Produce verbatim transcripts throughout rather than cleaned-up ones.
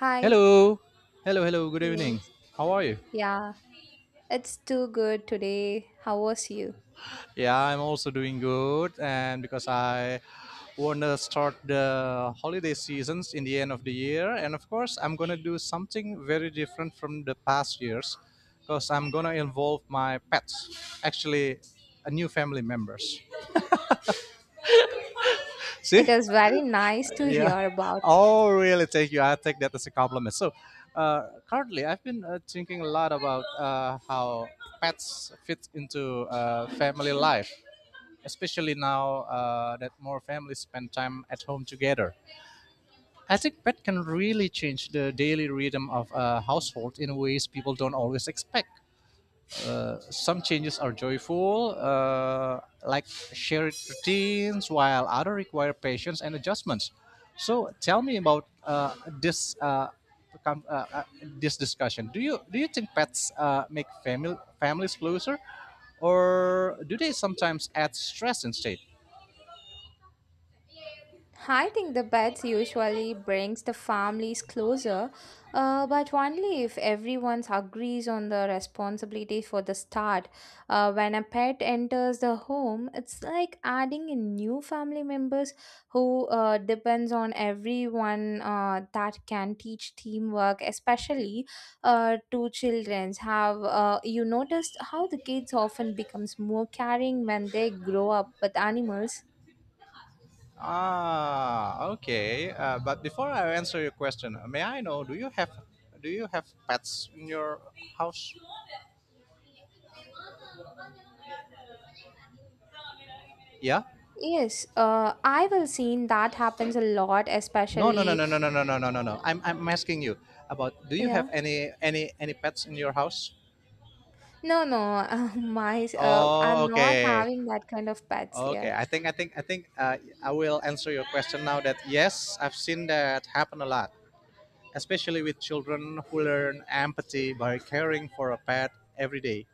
Hi. Hello. Hello, hello. Good evening. Yes. How are you? Yeah. It's too good today. How was you? Yeah, I'm also doing good. And because I want to start the holiday seasons in the end of the year, and of course, I'm going to do something very different from the past years because I'm going to involve my pets, actually, a new family members. It See? was very nice to Yeah. hear about. Oh, really? Thank you. I take that as a compliment. So, uh, currently, I've been uh, thinking a lot about uh, how pets fit into uh, family life, especially now uh, that more families spend time at home together. I think pet can really change the daily rhythm of a household in ways people don't always expect. Some changes are joyful, uh, like shared routines, while other require patience and adjustments. So tell me about uh, this uh, com- uh, uh, this discussion. Do you do you think pets uh, make family families closer, or do they sometimes add stress instead? I think the pets usually brings the families closer, uh, but only if everyone agrees on the responsibility for the start. Uh, when a pet enters the home, it's like adding in new family members who uh, depends on everyone uh, that can teach teamwork, especially uh, to childrens. Have uh, you noticed how the kids often becomes more caring when they grow up with animals? Ah, okay. Uh, but before I answer your question, may I know do you have do you have pets in your house? Yeah. Yes, uh, I will seen that happens a lot, No, no, no, especially no, no, no, no, no, no, no, no. I'm I'm asking you about do you have yeah. any any any pets in your house? No, no, my uh, Oh, I'm not okay. having that kind of pets. Okay. Yeah. I think I think I think uh, I will answer your question now that yes, I've seen that happen a lot, especially with children who learn empathy by caring for a pet every day.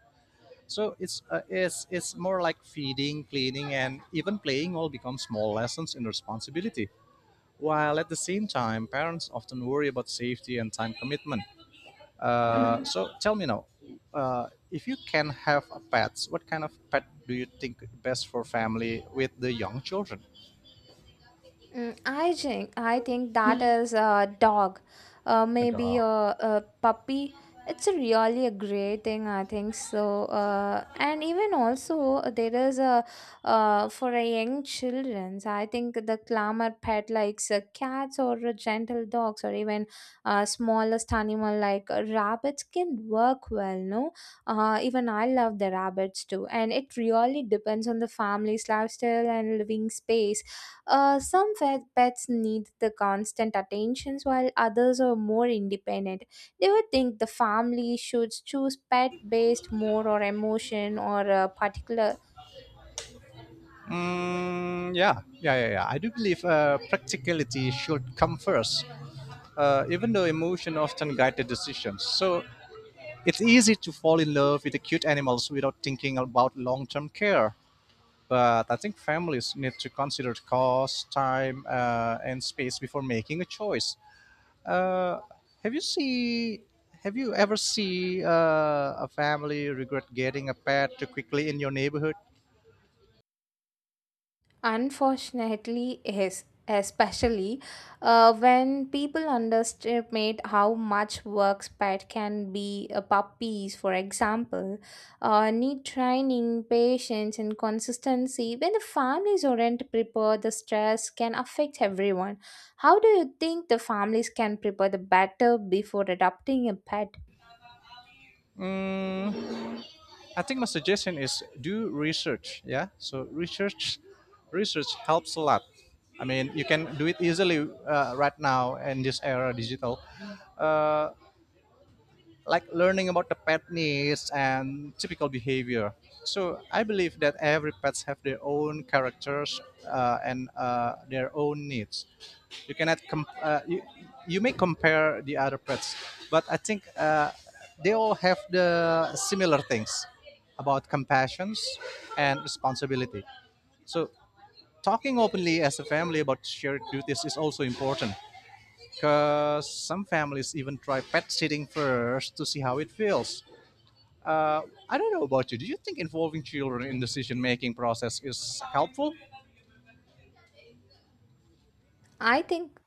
So it's uh, it's it's more like feeding, cleaning and even playing all become small lessons in responsibility. While at the same time, parents often worry about safety and time commitment. Uh, so tell me now, uh, if you can have a pet, what kind of pet do you think best for family with the young children? Mm, I think I think that is a dog, uh, A maybe dog. a, a puppy. It's a really a great thing, I think so. Uh, and even also there is a uh, for a young childrens. I think the clamor pet likes uh, cats or uh, gentle dogs or even uh, smallest animal like uh, rabbits can work well. No, uh, even I love the rabbits too, and it really depends on the family's lifestyle and living space. Uh, some fe- pets need the constant attentions while others are more independent. They would think the family should choose pet based more or emotion or a particular. Mm, yeah, yeah, yeah, yeah. I do believe uh, practicality should come first, uh, even though emotion often guide the decisions. So it's easy to fall in love with the cute animals without thinking about long-term care. But I think families need to consider cost, time, uh, and space before making a choice. Uh, have you see? Have you ever see uh, a family regret getting a pet too quickly in your neighborhood? Unfortunately, yes, especially uh, when people underestimate how much work pet can be. Uh, puppies, for example, uh, need training, patience, and consistency. When the families aren't prepared, the stress can affect everyone. How do you think the families can prepare the better before adopting a pet? I think my suggestion is do research. Yeah, so research, research helps a lot. I mean, you can do it easily uh, right now in this era digital. Uh, like learning about the pet needs and typical behavior. So I believe that every pets have their own characters uh, and uh, their own needs. You cannot com- uh, you, you may compare the other pets, but I think uh, they all have the similar things about compassions and responsibility. So talking openly as a family about shared duties is also important because some families even try pet sitting first to see how it feels. uh, I don't know about you. Do you think involving children in decision making process is helpful? I think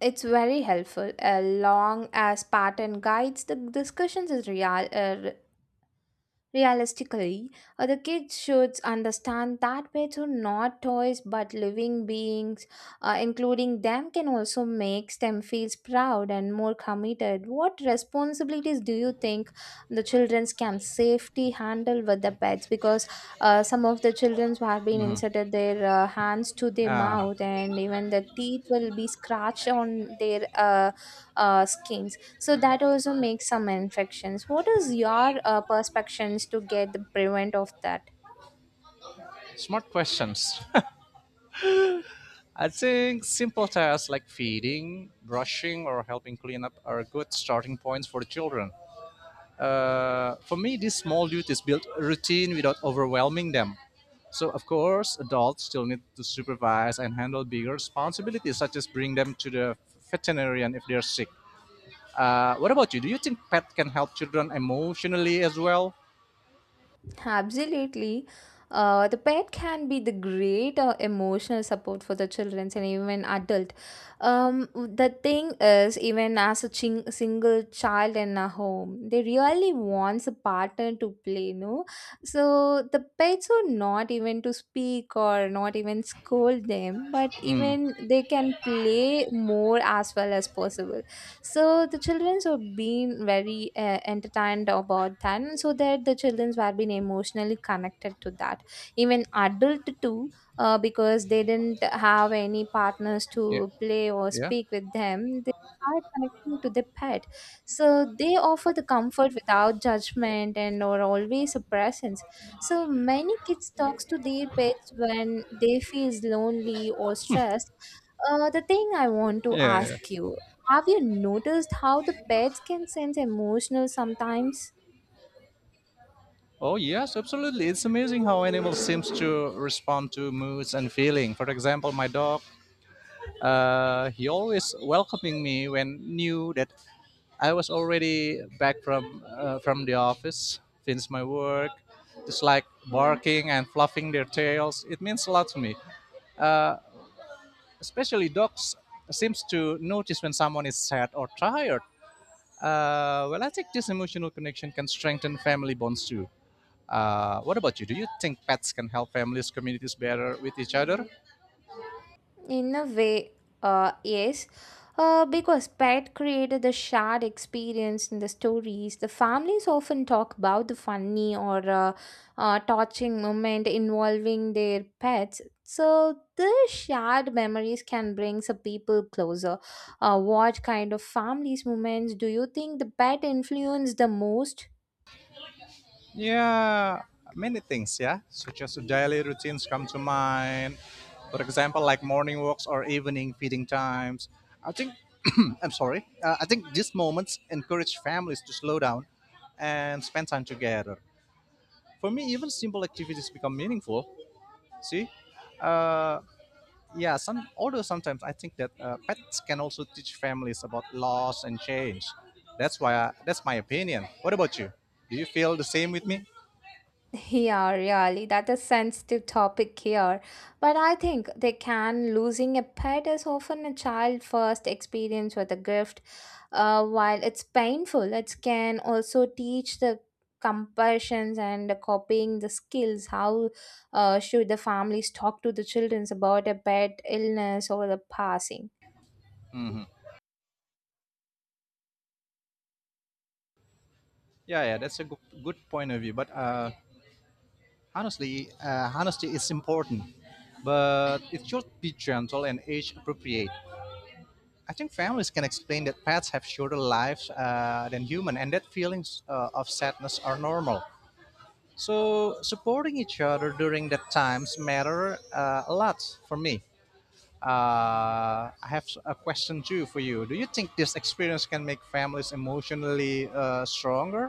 it's very helpful. Uh, long as pattern guides, the discussions is real. Uh, Realistically, uh, the kids should understand that pets are not toys but living beings. Uh, including them can also make them feel proud and more committed. What responsibilities do you think the children can safely handle with the pets? Because uh, some of the children who have been inserted their uh, hands to their Ah, mouth and even the teeth will be scratched on their uh, uh, skins, so that also makes some infections. What is your uh, perspectives to get the prevent of that? smart questions. I think simple tasks like feeding, brushing, or helping clean up are good starting points for the children. Uh, for me, these small duties build a routine without overwhelming them. So, of course, adults still need to supervise and handle bigger responsibilities, such as bring them to the veterinarian if they're sick. Uh, what about you? Do you think pet can help children emotionally as well? Absolutely. Uh, the pet can be the great uh, emotional support for the children and even adult. Um, the thing is, even as a ching- single child in a home, they really wants a partner to play, no? So the pets are not even to speak or not even scold them, but even they can play more as well as possible. So the childrens were being very uh, entertained about that, and so that the childrens were being emotionally connected to that. Even adult too, uh, because they didn't have any partners Yeah. to play or Yeah, speak with them. They are connecting to the pet, so they offer the comfort without judgment and or always a presence. So many kids talks to their pets when they feels lonely or stressed. Uh, the thing I want to yeah, ask yeah. you, have you noticed how the pets can sense emotional sometimes? Oh, yes, absolutely. It's amazing how animals seems to respond to moods and feeling. For example, my dog, uh, he always welcoming me when knew that I was already back from uh, from the office, finished my work. Just like barking and fluffing their tails, it means a lot to me. Especially dogs seems to notice when someone is sad or tired. Uh, well, I think this emotional connection can strengthen family bonds too. Uh, what about you? Do you think pets can help families, communities better with each other? In a way, uh, yes. Uh, because pet created the shared experience in the stories. The families often talk about the funny or uh, uh, touching moment involving their pets. So the shared memories can bring some people closer. Uh, what kind of families moments do you think the pet influenced the most? Yeah, many things, yeah. Such as daily routines come to mind. For example, like morning walks or evening feeding times. I think, I'm sorry, uh, I think these moments encourage families to slow down and spend time together. For me, even simple activities become meaningful. See, uh, yeah, some, although sometimes I think that uh, pets can also teach families about loss and change. That's why I, that's my opinion. What about you? Do you feel the same with me? Yeah, really, that is sensitive topic here. But I think they can. Losing a pet is often a child first experience with a gift. Uh, while it's painful, it can also teach the compassions and copying the skills. How uh, should the families talk to the children about a pet illness or the passing? Yeah, yeah, that's a good, good point of view, but uh, honestly uh, honesty is important, but it should be gentle and age appropriate. I think families can explain that pets have shorter lives uh, than human, and that feelings uh, of sadness are normal. So supporting each other during that times matter uh, a lot for me. Uh, I have a question too for you. Do you think this experience can make families emotionally uh, stronger?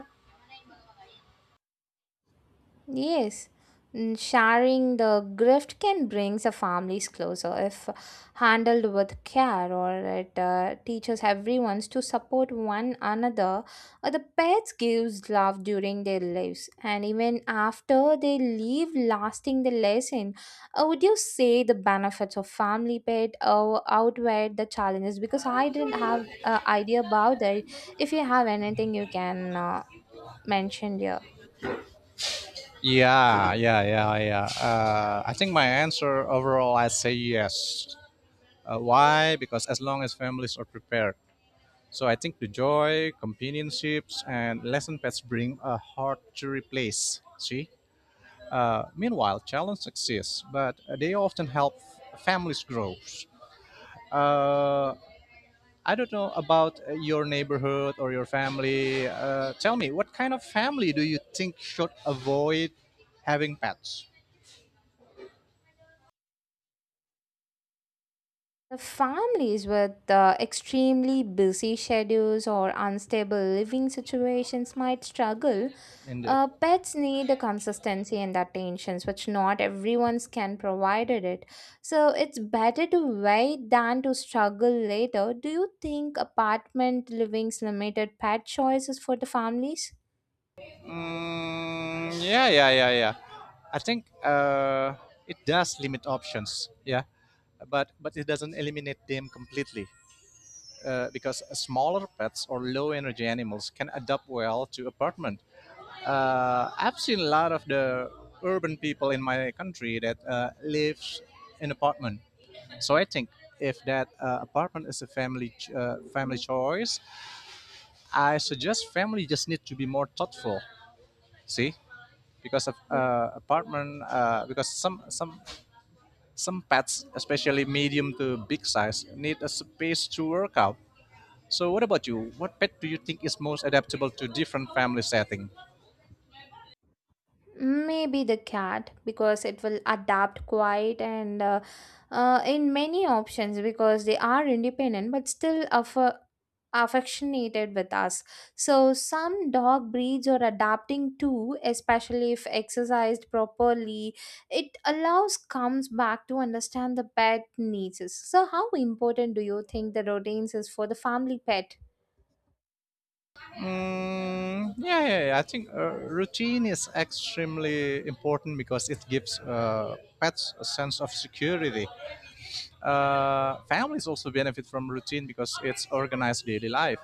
Yes, mm, sharing the gift can brings the families closer if handled with care, or it uh, teaches everyone to support one another. Uh, the pets gives love during their lives, and even after they leave, lasting the lesson. Uh, would you say the benefits of family pet uh, outweigh the challenges? Because I didn't have uh, idea about that. If you have anything, you can uh, mention here. Yeah, yeah, yeah, yeah. Uh, I think my answer overall, I say yes. Uh, why? Because as long as families are prepared. So I think the joy, companionships, and lesson pets bring a hard to replace. See? Uh, meanwhile, challenges exist, but uh, they often help families grow. Uh, I don't know about uh, your neighborhood or your family. Uh, tell me, what kind of family do you think should avoid having pets? The families with uh, extremely busy schedules or unstable living situations might struggle. Indeed. Uh, pets need a consistency and attentions, which not everyone's can provide it. So it's better to wait than to struggle later. Do you think apartment living's limited pet choices for the families? Mm, yeah, yeah, yeah, yeah. I think uh, it does limit options. Yeah, but but it doesn't eliminate them completely uh, because smaller pets or low energy animals can adapt well to apartment. uh, I've seen a lot of the urban people in my country that uh, lives in apartment. So I think if that uh, apartment is a family ch- uh, family choice, I suggest family just need to be more thoughtful. See, because of uh, apartment, uh, because some some some pets, especially medium to big size, need a space to work out. So what about you? What pet do you think is most adaptable to different family setting? Maybe the cat because it will adapt quite and uh, uh, in many options because they are independent but still aff- affectionated with us. So some dog breeds are adapting too, especially if exercised properly. It allows comes back to understand the pet needs. So how important do you think the routines is for the family pet? Mm, yeah, yeah, yeah. I think uh, routine is extremely important because it gives uh, pets a sense of security. Uh, families also benefit from routine because it's organized daily life.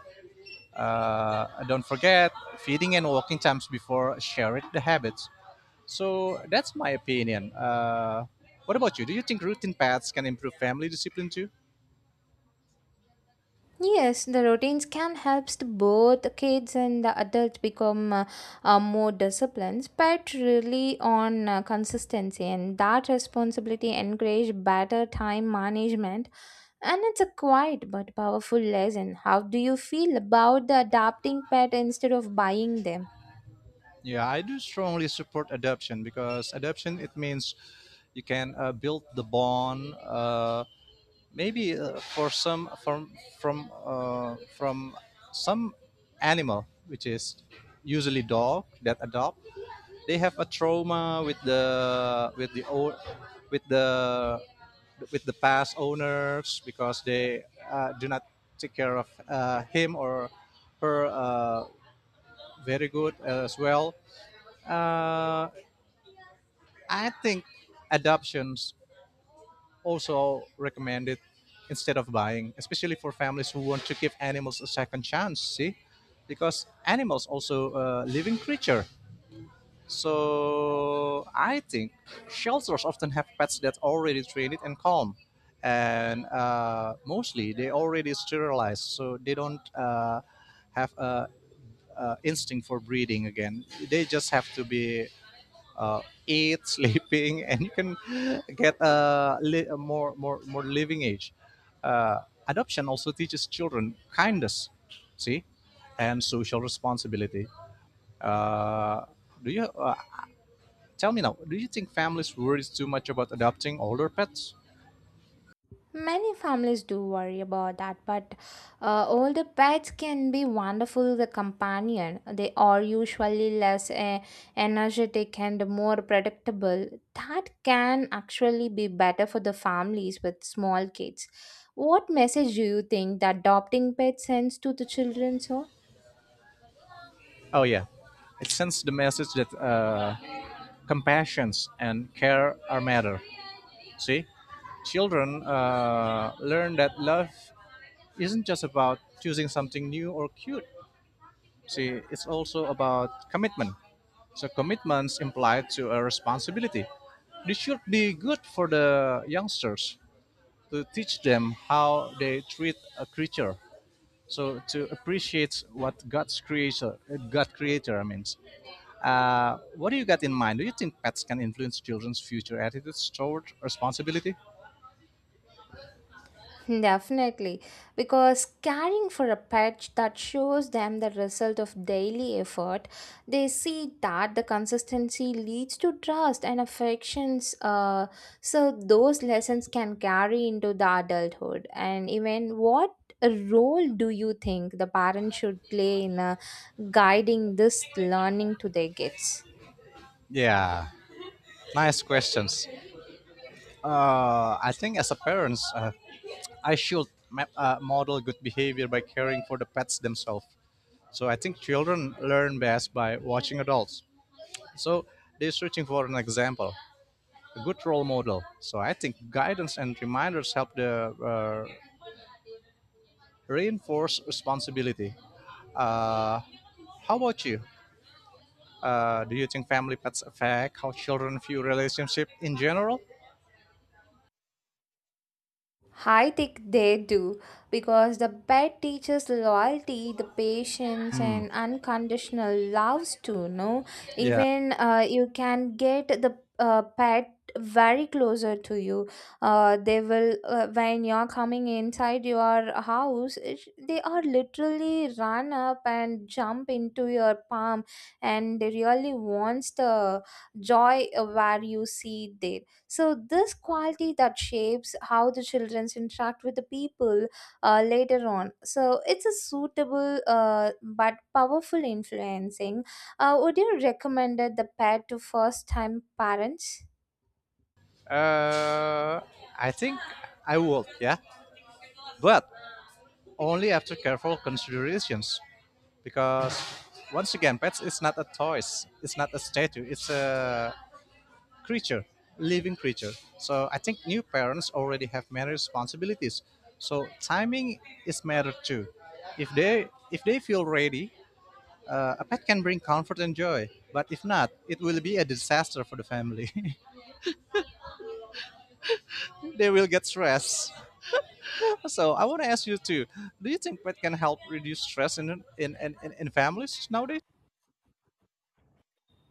Uh, don't forget feeding and walking times before sharing the habits. So that's my opinion. Uh, what about you? Do you think routine pets can improve family discipline too? Yes, the routines can help both kids and the adults become uh, uh, more disciplined, but really on uh, consistency and that responsibility encourage better time management. And it's a quiet but powerful lesson. How do you feel about the adapting pet instead of buying them? Yeah, I do strongly support adoption because adoption it means you can uh, build the bond. Uh, maybe uh, for some from from uh, from some animal, which is usually dog that adopt, they have a trauma with the with the old with the with the past owners because they uh, do not take care of uh, him or her uh, very good as well. Uh, I think adoptions also recommended instead of buying, especially for families who want to give animals a second chance. See, because animals also a living creature. So I think shelters often have pets that already trained and calm, and uh, mostly they already sterilized, so they don't uh, have a, a instinct for breeding again. They just have to be uh, eat, sleeping, and you can get a, li- a more more more living age. Uh, adoption also teaches children kindness, see, and social responsibility. Uh, do you uh, tell me now? Do you think families worry too much about adopting older pets? Many families do worry about that, but uh, older pets can be wonderful the companion. They are usually less eh, energetic and more predictable. That can actually be better for the families with small kids. What message do you think that adopting pets sends to the children? So Oh yeah, it sends the message that uh, compassion and care are matter. See, children uh, learn that love isn't just about choosing something new or cute. See, it's also about commitment. So commitments imply to a responsibility. This should be good for the youngsters to teach them how they treat a creature. So to appreciate what God's creator, God creator means. Uh, what do you got in mind? Do you think pets can influence children's future attitudes toward responsibility? definitely, because caring for a pet that shows them the result of daily effort, they see that the consistency leads to trust and affections. Uh, so those lessons can carry into the adulthood. And even what role do you think the parents should play in uh, guiding this learning to their kids? Yeah, nice questions. Uh, I think as a parents, uh, I should ma- uh, model good behavior by caring for the pets themselves. So I think children learn best by watching adults. So they're searching for an example, a good role model. So I think guidance and reminders help the uh, reinforce responsibility. Uh, how about you? Uh, do you think family pets affect how children view relationship in general? I think they do because the pet teaches loyalty, the patience, Hmm. and unconditional loves too. No, Yeah. even uh, you can get the uh, pet very closer to you. Uh, they will uh, when you're coming inside your house, it, they are literally run up and jump into your palm, and they really wants the joy uh, where you see them, so this quality that shapes how the children interact with the people uh, later on. So, it's a suitable uh, but powerful influencing. Uh, would you recommend it the pet to first time parents? Uh, I think I would. Yeah, but only after careful considerations, because once again pets is not a toys, it's not a statue, it's a creature, living creature. So I think new parents already have many responsibilities, so timing is matter too. If they if they feel ready, uh, a pet can bring comfort and joy, but if not it will be a disaster for the family. They will get stressed. So I want to ask you too, do you think pet can help reduce stress in in in, in in families nowadays?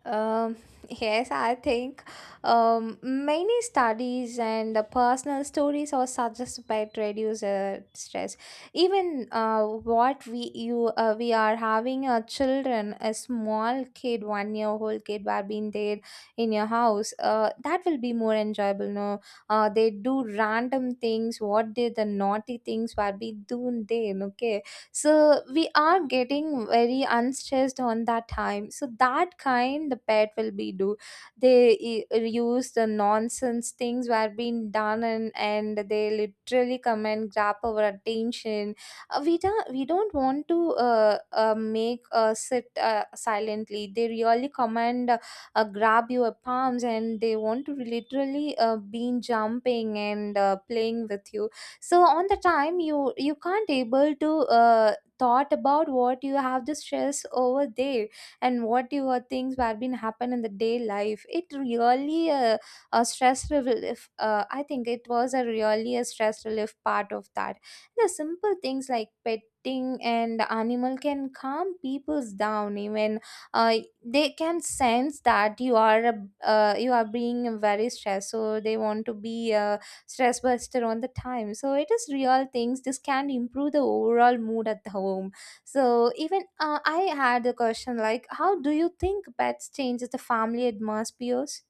Um, yes, I think um, many studies and the personal stories are suggested by to reduce uh, stress. Even uh, what we you uh, we are having a children, a small kid, one year old kid, were being there in your house. Uh, that will be more enjoyable. No, uh, they do random things. What did the naughty things were be doing there? Okay, so we are getting very unstressed on that time, so that kind the pet will be do they e- use the nonsense things were being done, and, and they literally come and grab our attention. Uh, we don't we don't want to uh, uh, make uh, sit uh, silently. They really come and uh, uh, grab your palms and they want to literally uh, be jumping and uh, playing with you. So on the time you you can't able to uh, thought about what you have the stress over there and what your things have been happen in the day life. It really uh, a stress relief. Uh, i think it was a really a stress relief part of that. The simple things like petting and animal can calm people's down even uh, they can sense that you are a- uh, you are being very stressed, so they want to be uh, stress buster on the time. So it is real things. This can improve the overall mood at the home. So even uh, I had a question like how do you think pets changes the family atmospheres?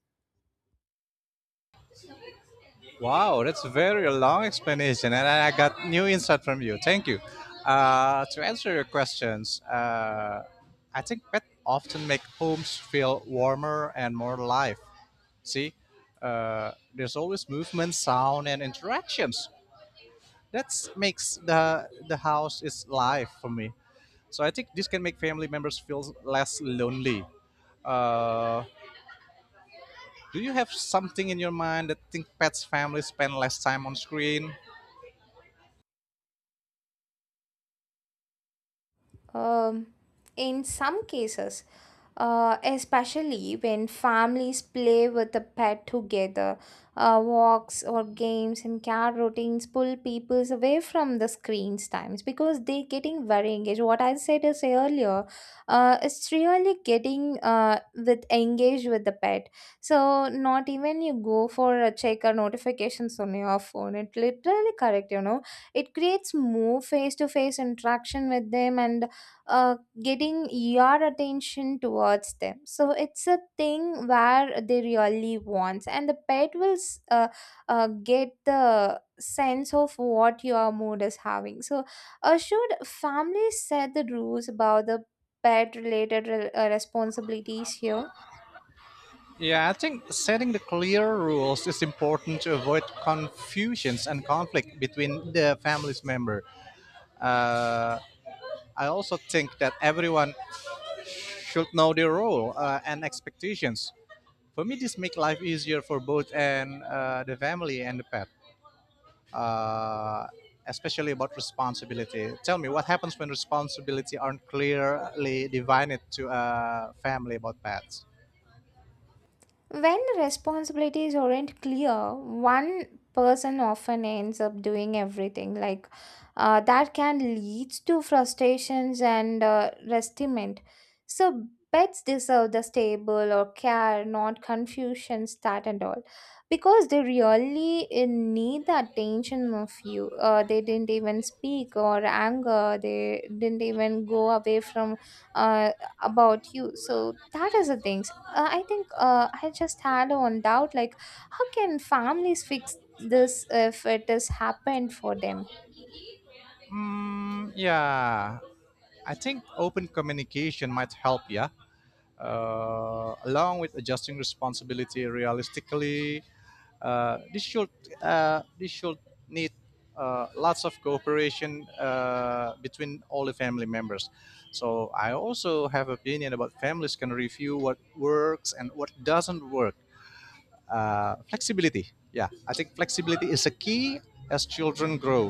Wow, that's a very long explanation, and I got new insight from you. Thank you. Uh, to answer your questions, uh, I think pets often make homes feel warmer and more alive. See, uh, there's always movement, sound, and interactions. That makes the the house is live for me. So I think this can make family members feel less lonely. Uh, do you have something in your mind that think pets families spend less time on screen? Um, in some cases, uh, especially when families play with the pet together, uh, walks or games and cat routines pull people away from the screens times because they're getting very engaged. What I said is earlier, uh, it's really getting uh, with engaged with the pet. So not even you go for a check or notifications on your phone. It literally correct, you know it creates more face to face interaction with them and uh, getting your attention towards them. So it's a thing where they really want and the pet will s- uh, uh, get the sense of what your mood is having. So uh, should families set the rules about the pet related re- uh, responsibilities here? Yeah, I think setting the clear rules is important to avoid confusions and conflict between the family's member. I also think that everyone should know their role uh, and expectations. For me, this makes life easier for both and uh, the family and the pet, uh, especially about responsibility. Tell me, what happens when responsibility aren't clearly divided to a family about pets? When responsibilities aren't clear, one person often ends up doing everything. Like uh, that can lead to frustrations and uh, restiment. So pets deserve the stable or care, not confusion, that and all, because they really uh, need the attention of you. Uh, they didn't even speak or anger. They didn't even go away from uh, about you. So that is the things. Uh, i think uh, I just had one doubt like how can families fix this if it has happened for them? Mm, yeah, I think open communication might help. Yeah, uh, along with adjusting responsibility realistically. Uh, this should uh, this should need uh, lots of cooperation uh, between all the family members. So I also have opinion about families can review what works and what doesn't work. Uh, flexibility, yeah, I think flexibility is a key as children grow.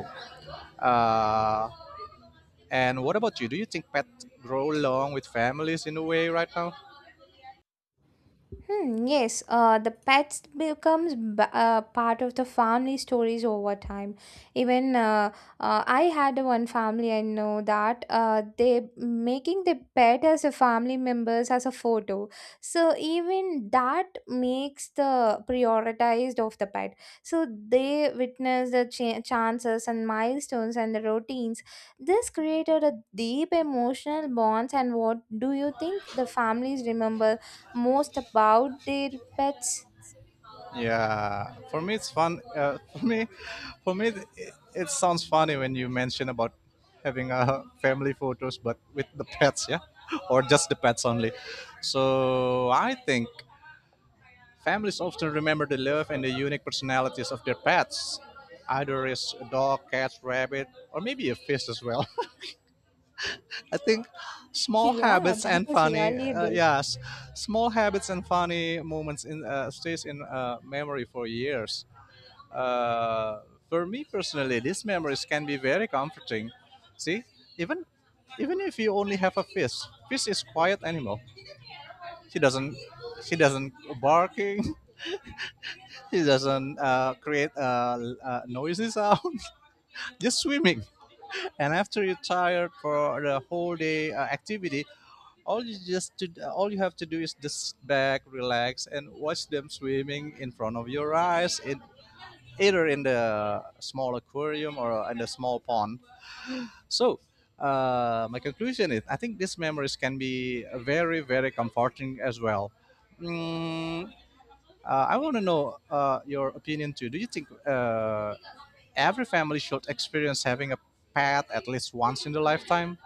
Uh, and what about you? Do you think pets grow along with families in a way right now? Hmm, yes, uh, the pets becomes b- uh, part of the family stories over time. Even uh, uh, I had one family I know that uh, they making the pet as a family members as a photo. So even that makes the prioritized of the pet. So they witness the cha- chances and milestones and the routines. This created a deep emotional bonds. And what do you think the families remember most about their pets? Yeah, for me it's fun. Uh, for me, for me, it, it sounds funny when you mention about having a family photos, but with the pets, yeah, or just the pets only. So I think families often remember the love and the unique personalities of their pets. Either it's a dog, cat, rabbit, or maybe a fish as well. I think small Yeah, habits that and was funny, really uh, good. yes, small habits and funny moments in uh, stays in uh, memory for years. Uh, for me personally, these memories can be very comforting. See, even even if you only have a fish, fish is quiet animal. She doesn't she doesn't barking. She doesn't uh, create uh, uh, noisy sound. Just swimming. And after you're tired for the whole day uh, activity, all you just to, all you have to do is just sit back relax and watch them swimming in front of your eyes in either in the small aquarium or in the small pond. So, uh, my conclusion is I think these memories can be very, very comforting as well. Mm, uh, I want to know uh, your opinion too. Do you think uh, every family should experience having a pet at least once in their lifetime?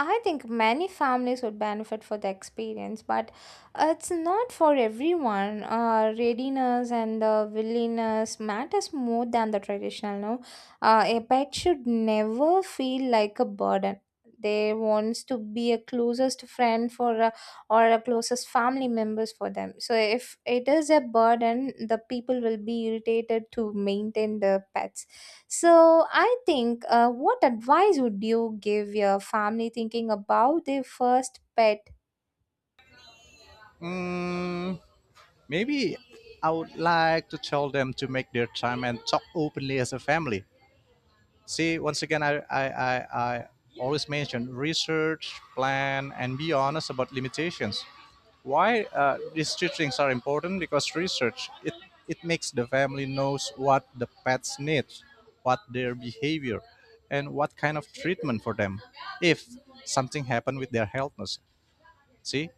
I think many families would benefit for the experience, but it's not for everyone. Uh, readiness and the willingness matters more than the traditional. No, uh, a pet should never feel like a burden. They wants to be a closest friend for uh, or a closest family members for them. So if it is a burden, the people will be irritated to maintain the pets. So I think, uh, what advice would you give your family thinking about their first pet? Mm, maybe I would like to tell them to make their time and talk openly as a family. See, once again, I, I, I, I always mention research, plan, and be honest about limitations. Why uh, these two things are important? Because research, it, it makes the family knows what the pets need, what their behavior, and what kind of treatment for them if something happened with their healthness. See,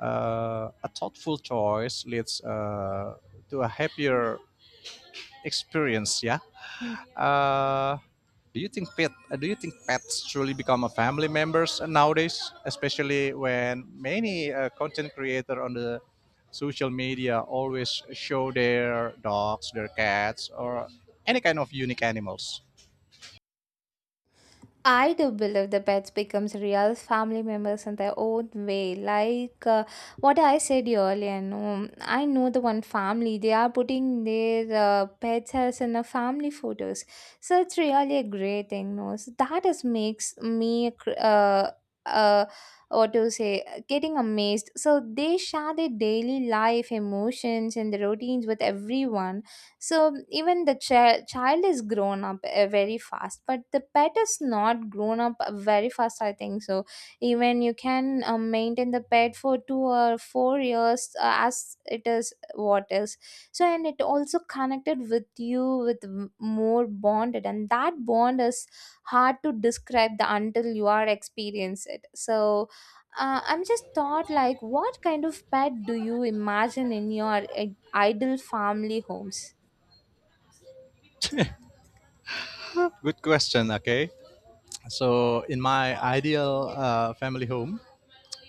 uh, a thoughtful choice leads uh, to a happier experience, yeah? Uh, do you think pet? uh, do you think pets truly become a family members nowadays, especially when many uh, content creator on the social media always show their dogs, their cats, or any kind of unique animals? I do believe the pets becomes real family members in their own way. Like, uh, what I said earlier, no, I know the one family they are putting their uh, pets as in a family photos, so it's really a great thing. No, so that is makes me cr- uh uh what to say, getting amazed. So they share their daily life, emotions, and the routines with everyone, so even the chi- child is grown up uh, very fast, but the pet is not grown up uh, very fast, I think so. Even you can uh, maintain the pet for two or four years, uh, as it is what is. So, and it also connected with you with m- more bonded, and that bond is hard to describe the until you are experience it, so uh, i'm just thought like what kind of pet do you imagine in your uh, ideal family homes? Good question. Okay, so in my ideal uh, family home,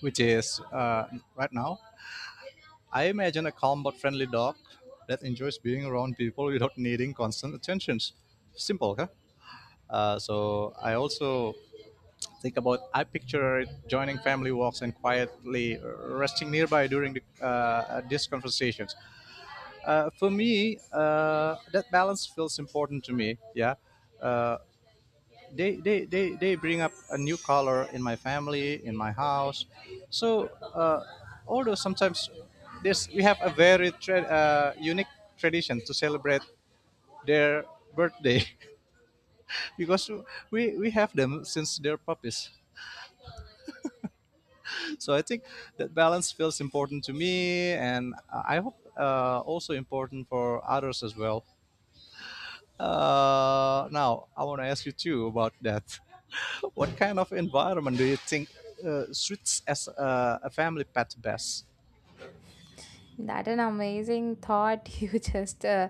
which is uh, right now, I imagine a calm but friendly dog that enjoys being around people without needing constant attentions. Simple, huh? Uh, so I also think about I picture joining family walks and quietly resting nearby during the, uh, these conversations. Uh, for me, uh, that balance feels important to me. Yeah, uh, they, they they they bring up a new color in my family in my house. So, uh, although sometimes this we have a very tra- uh, unique tradition to celebrate their birthday because we we have them since they're puppies. So I think that balance feels important to me, and I hope uh, also important for others as well. Uh, now I want to ask you too about that. What kind of environment do you think uh, suits as a, a family pet best? That an amazing thought. You just uh,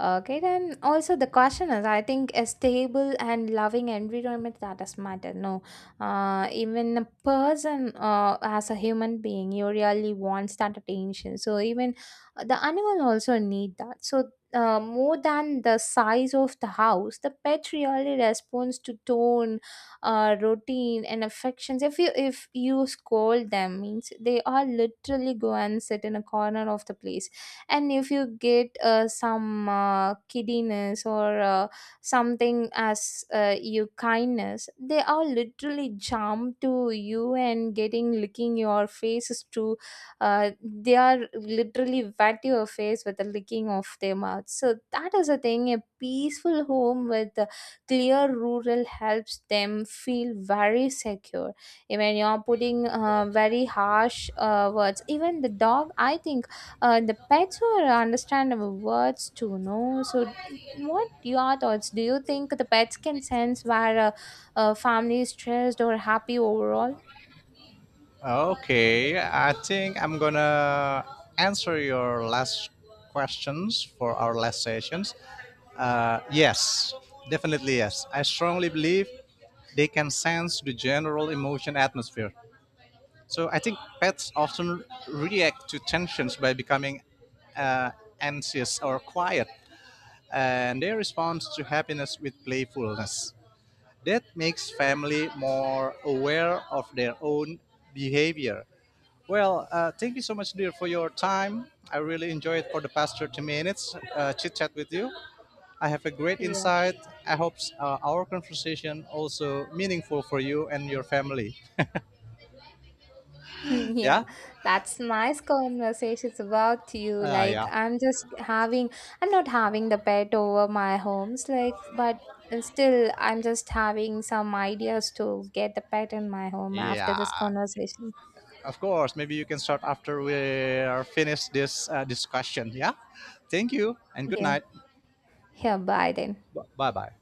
okay. Then also the question is, I think a stable and loving environment that does matter. No, uh, even a person uh, as a human being, you really wants that attention. So even the animal also need that. So. Uh, more than the size of the house, the pet really responds to tone, uh, routine and affections. If you if you scold them means they are literally go and sit in a corner of the place, and if you get uh, some uh, kiddiness or uh, something as uh, you kindness, they are literally jump to you and getting licking your faces to uh, they are literally wet your face with the licking of their mouth, so that is a thing. A peaceful home with uh, clear rural helps them feel very secure, even you're putting uh, very harsh uh, words. Even the dog, I think uh, the pets who understand our words too, no, so what your thoughts? Do you think the pets can sense where a, a family is stressed or happy overall? Okay, I think I'm gonna answer your last questions for our last sessions. Uh, yes, definitely yes. I strongly believe they can sense the general emotion atmosphere. So I think pets often react to tensions by becoming uh, anxious or quiet, and they respond to happiness with playfulness. That makes family more aware of their own behavior. Well, uh, thank you so much, dear, for your time. I really enjoyed for the past thirty minutes uh, chit chat with you. I have a great Yeah. insight. I hope uh, our conversation also meaningful for you and your family. Yeah, Yeah, that's nice conversations about you. uh, Like, yeah, I'm just having I'm not having the pet over my homes like, but uh, still I'm just having some ideas to get the pet in my home after this yeah. conversation. Of course. Maybe you can start after we are finished this uh, discussion. Yeah. Thank you and good Yeah. night. Yeah, bye then. Bye bye.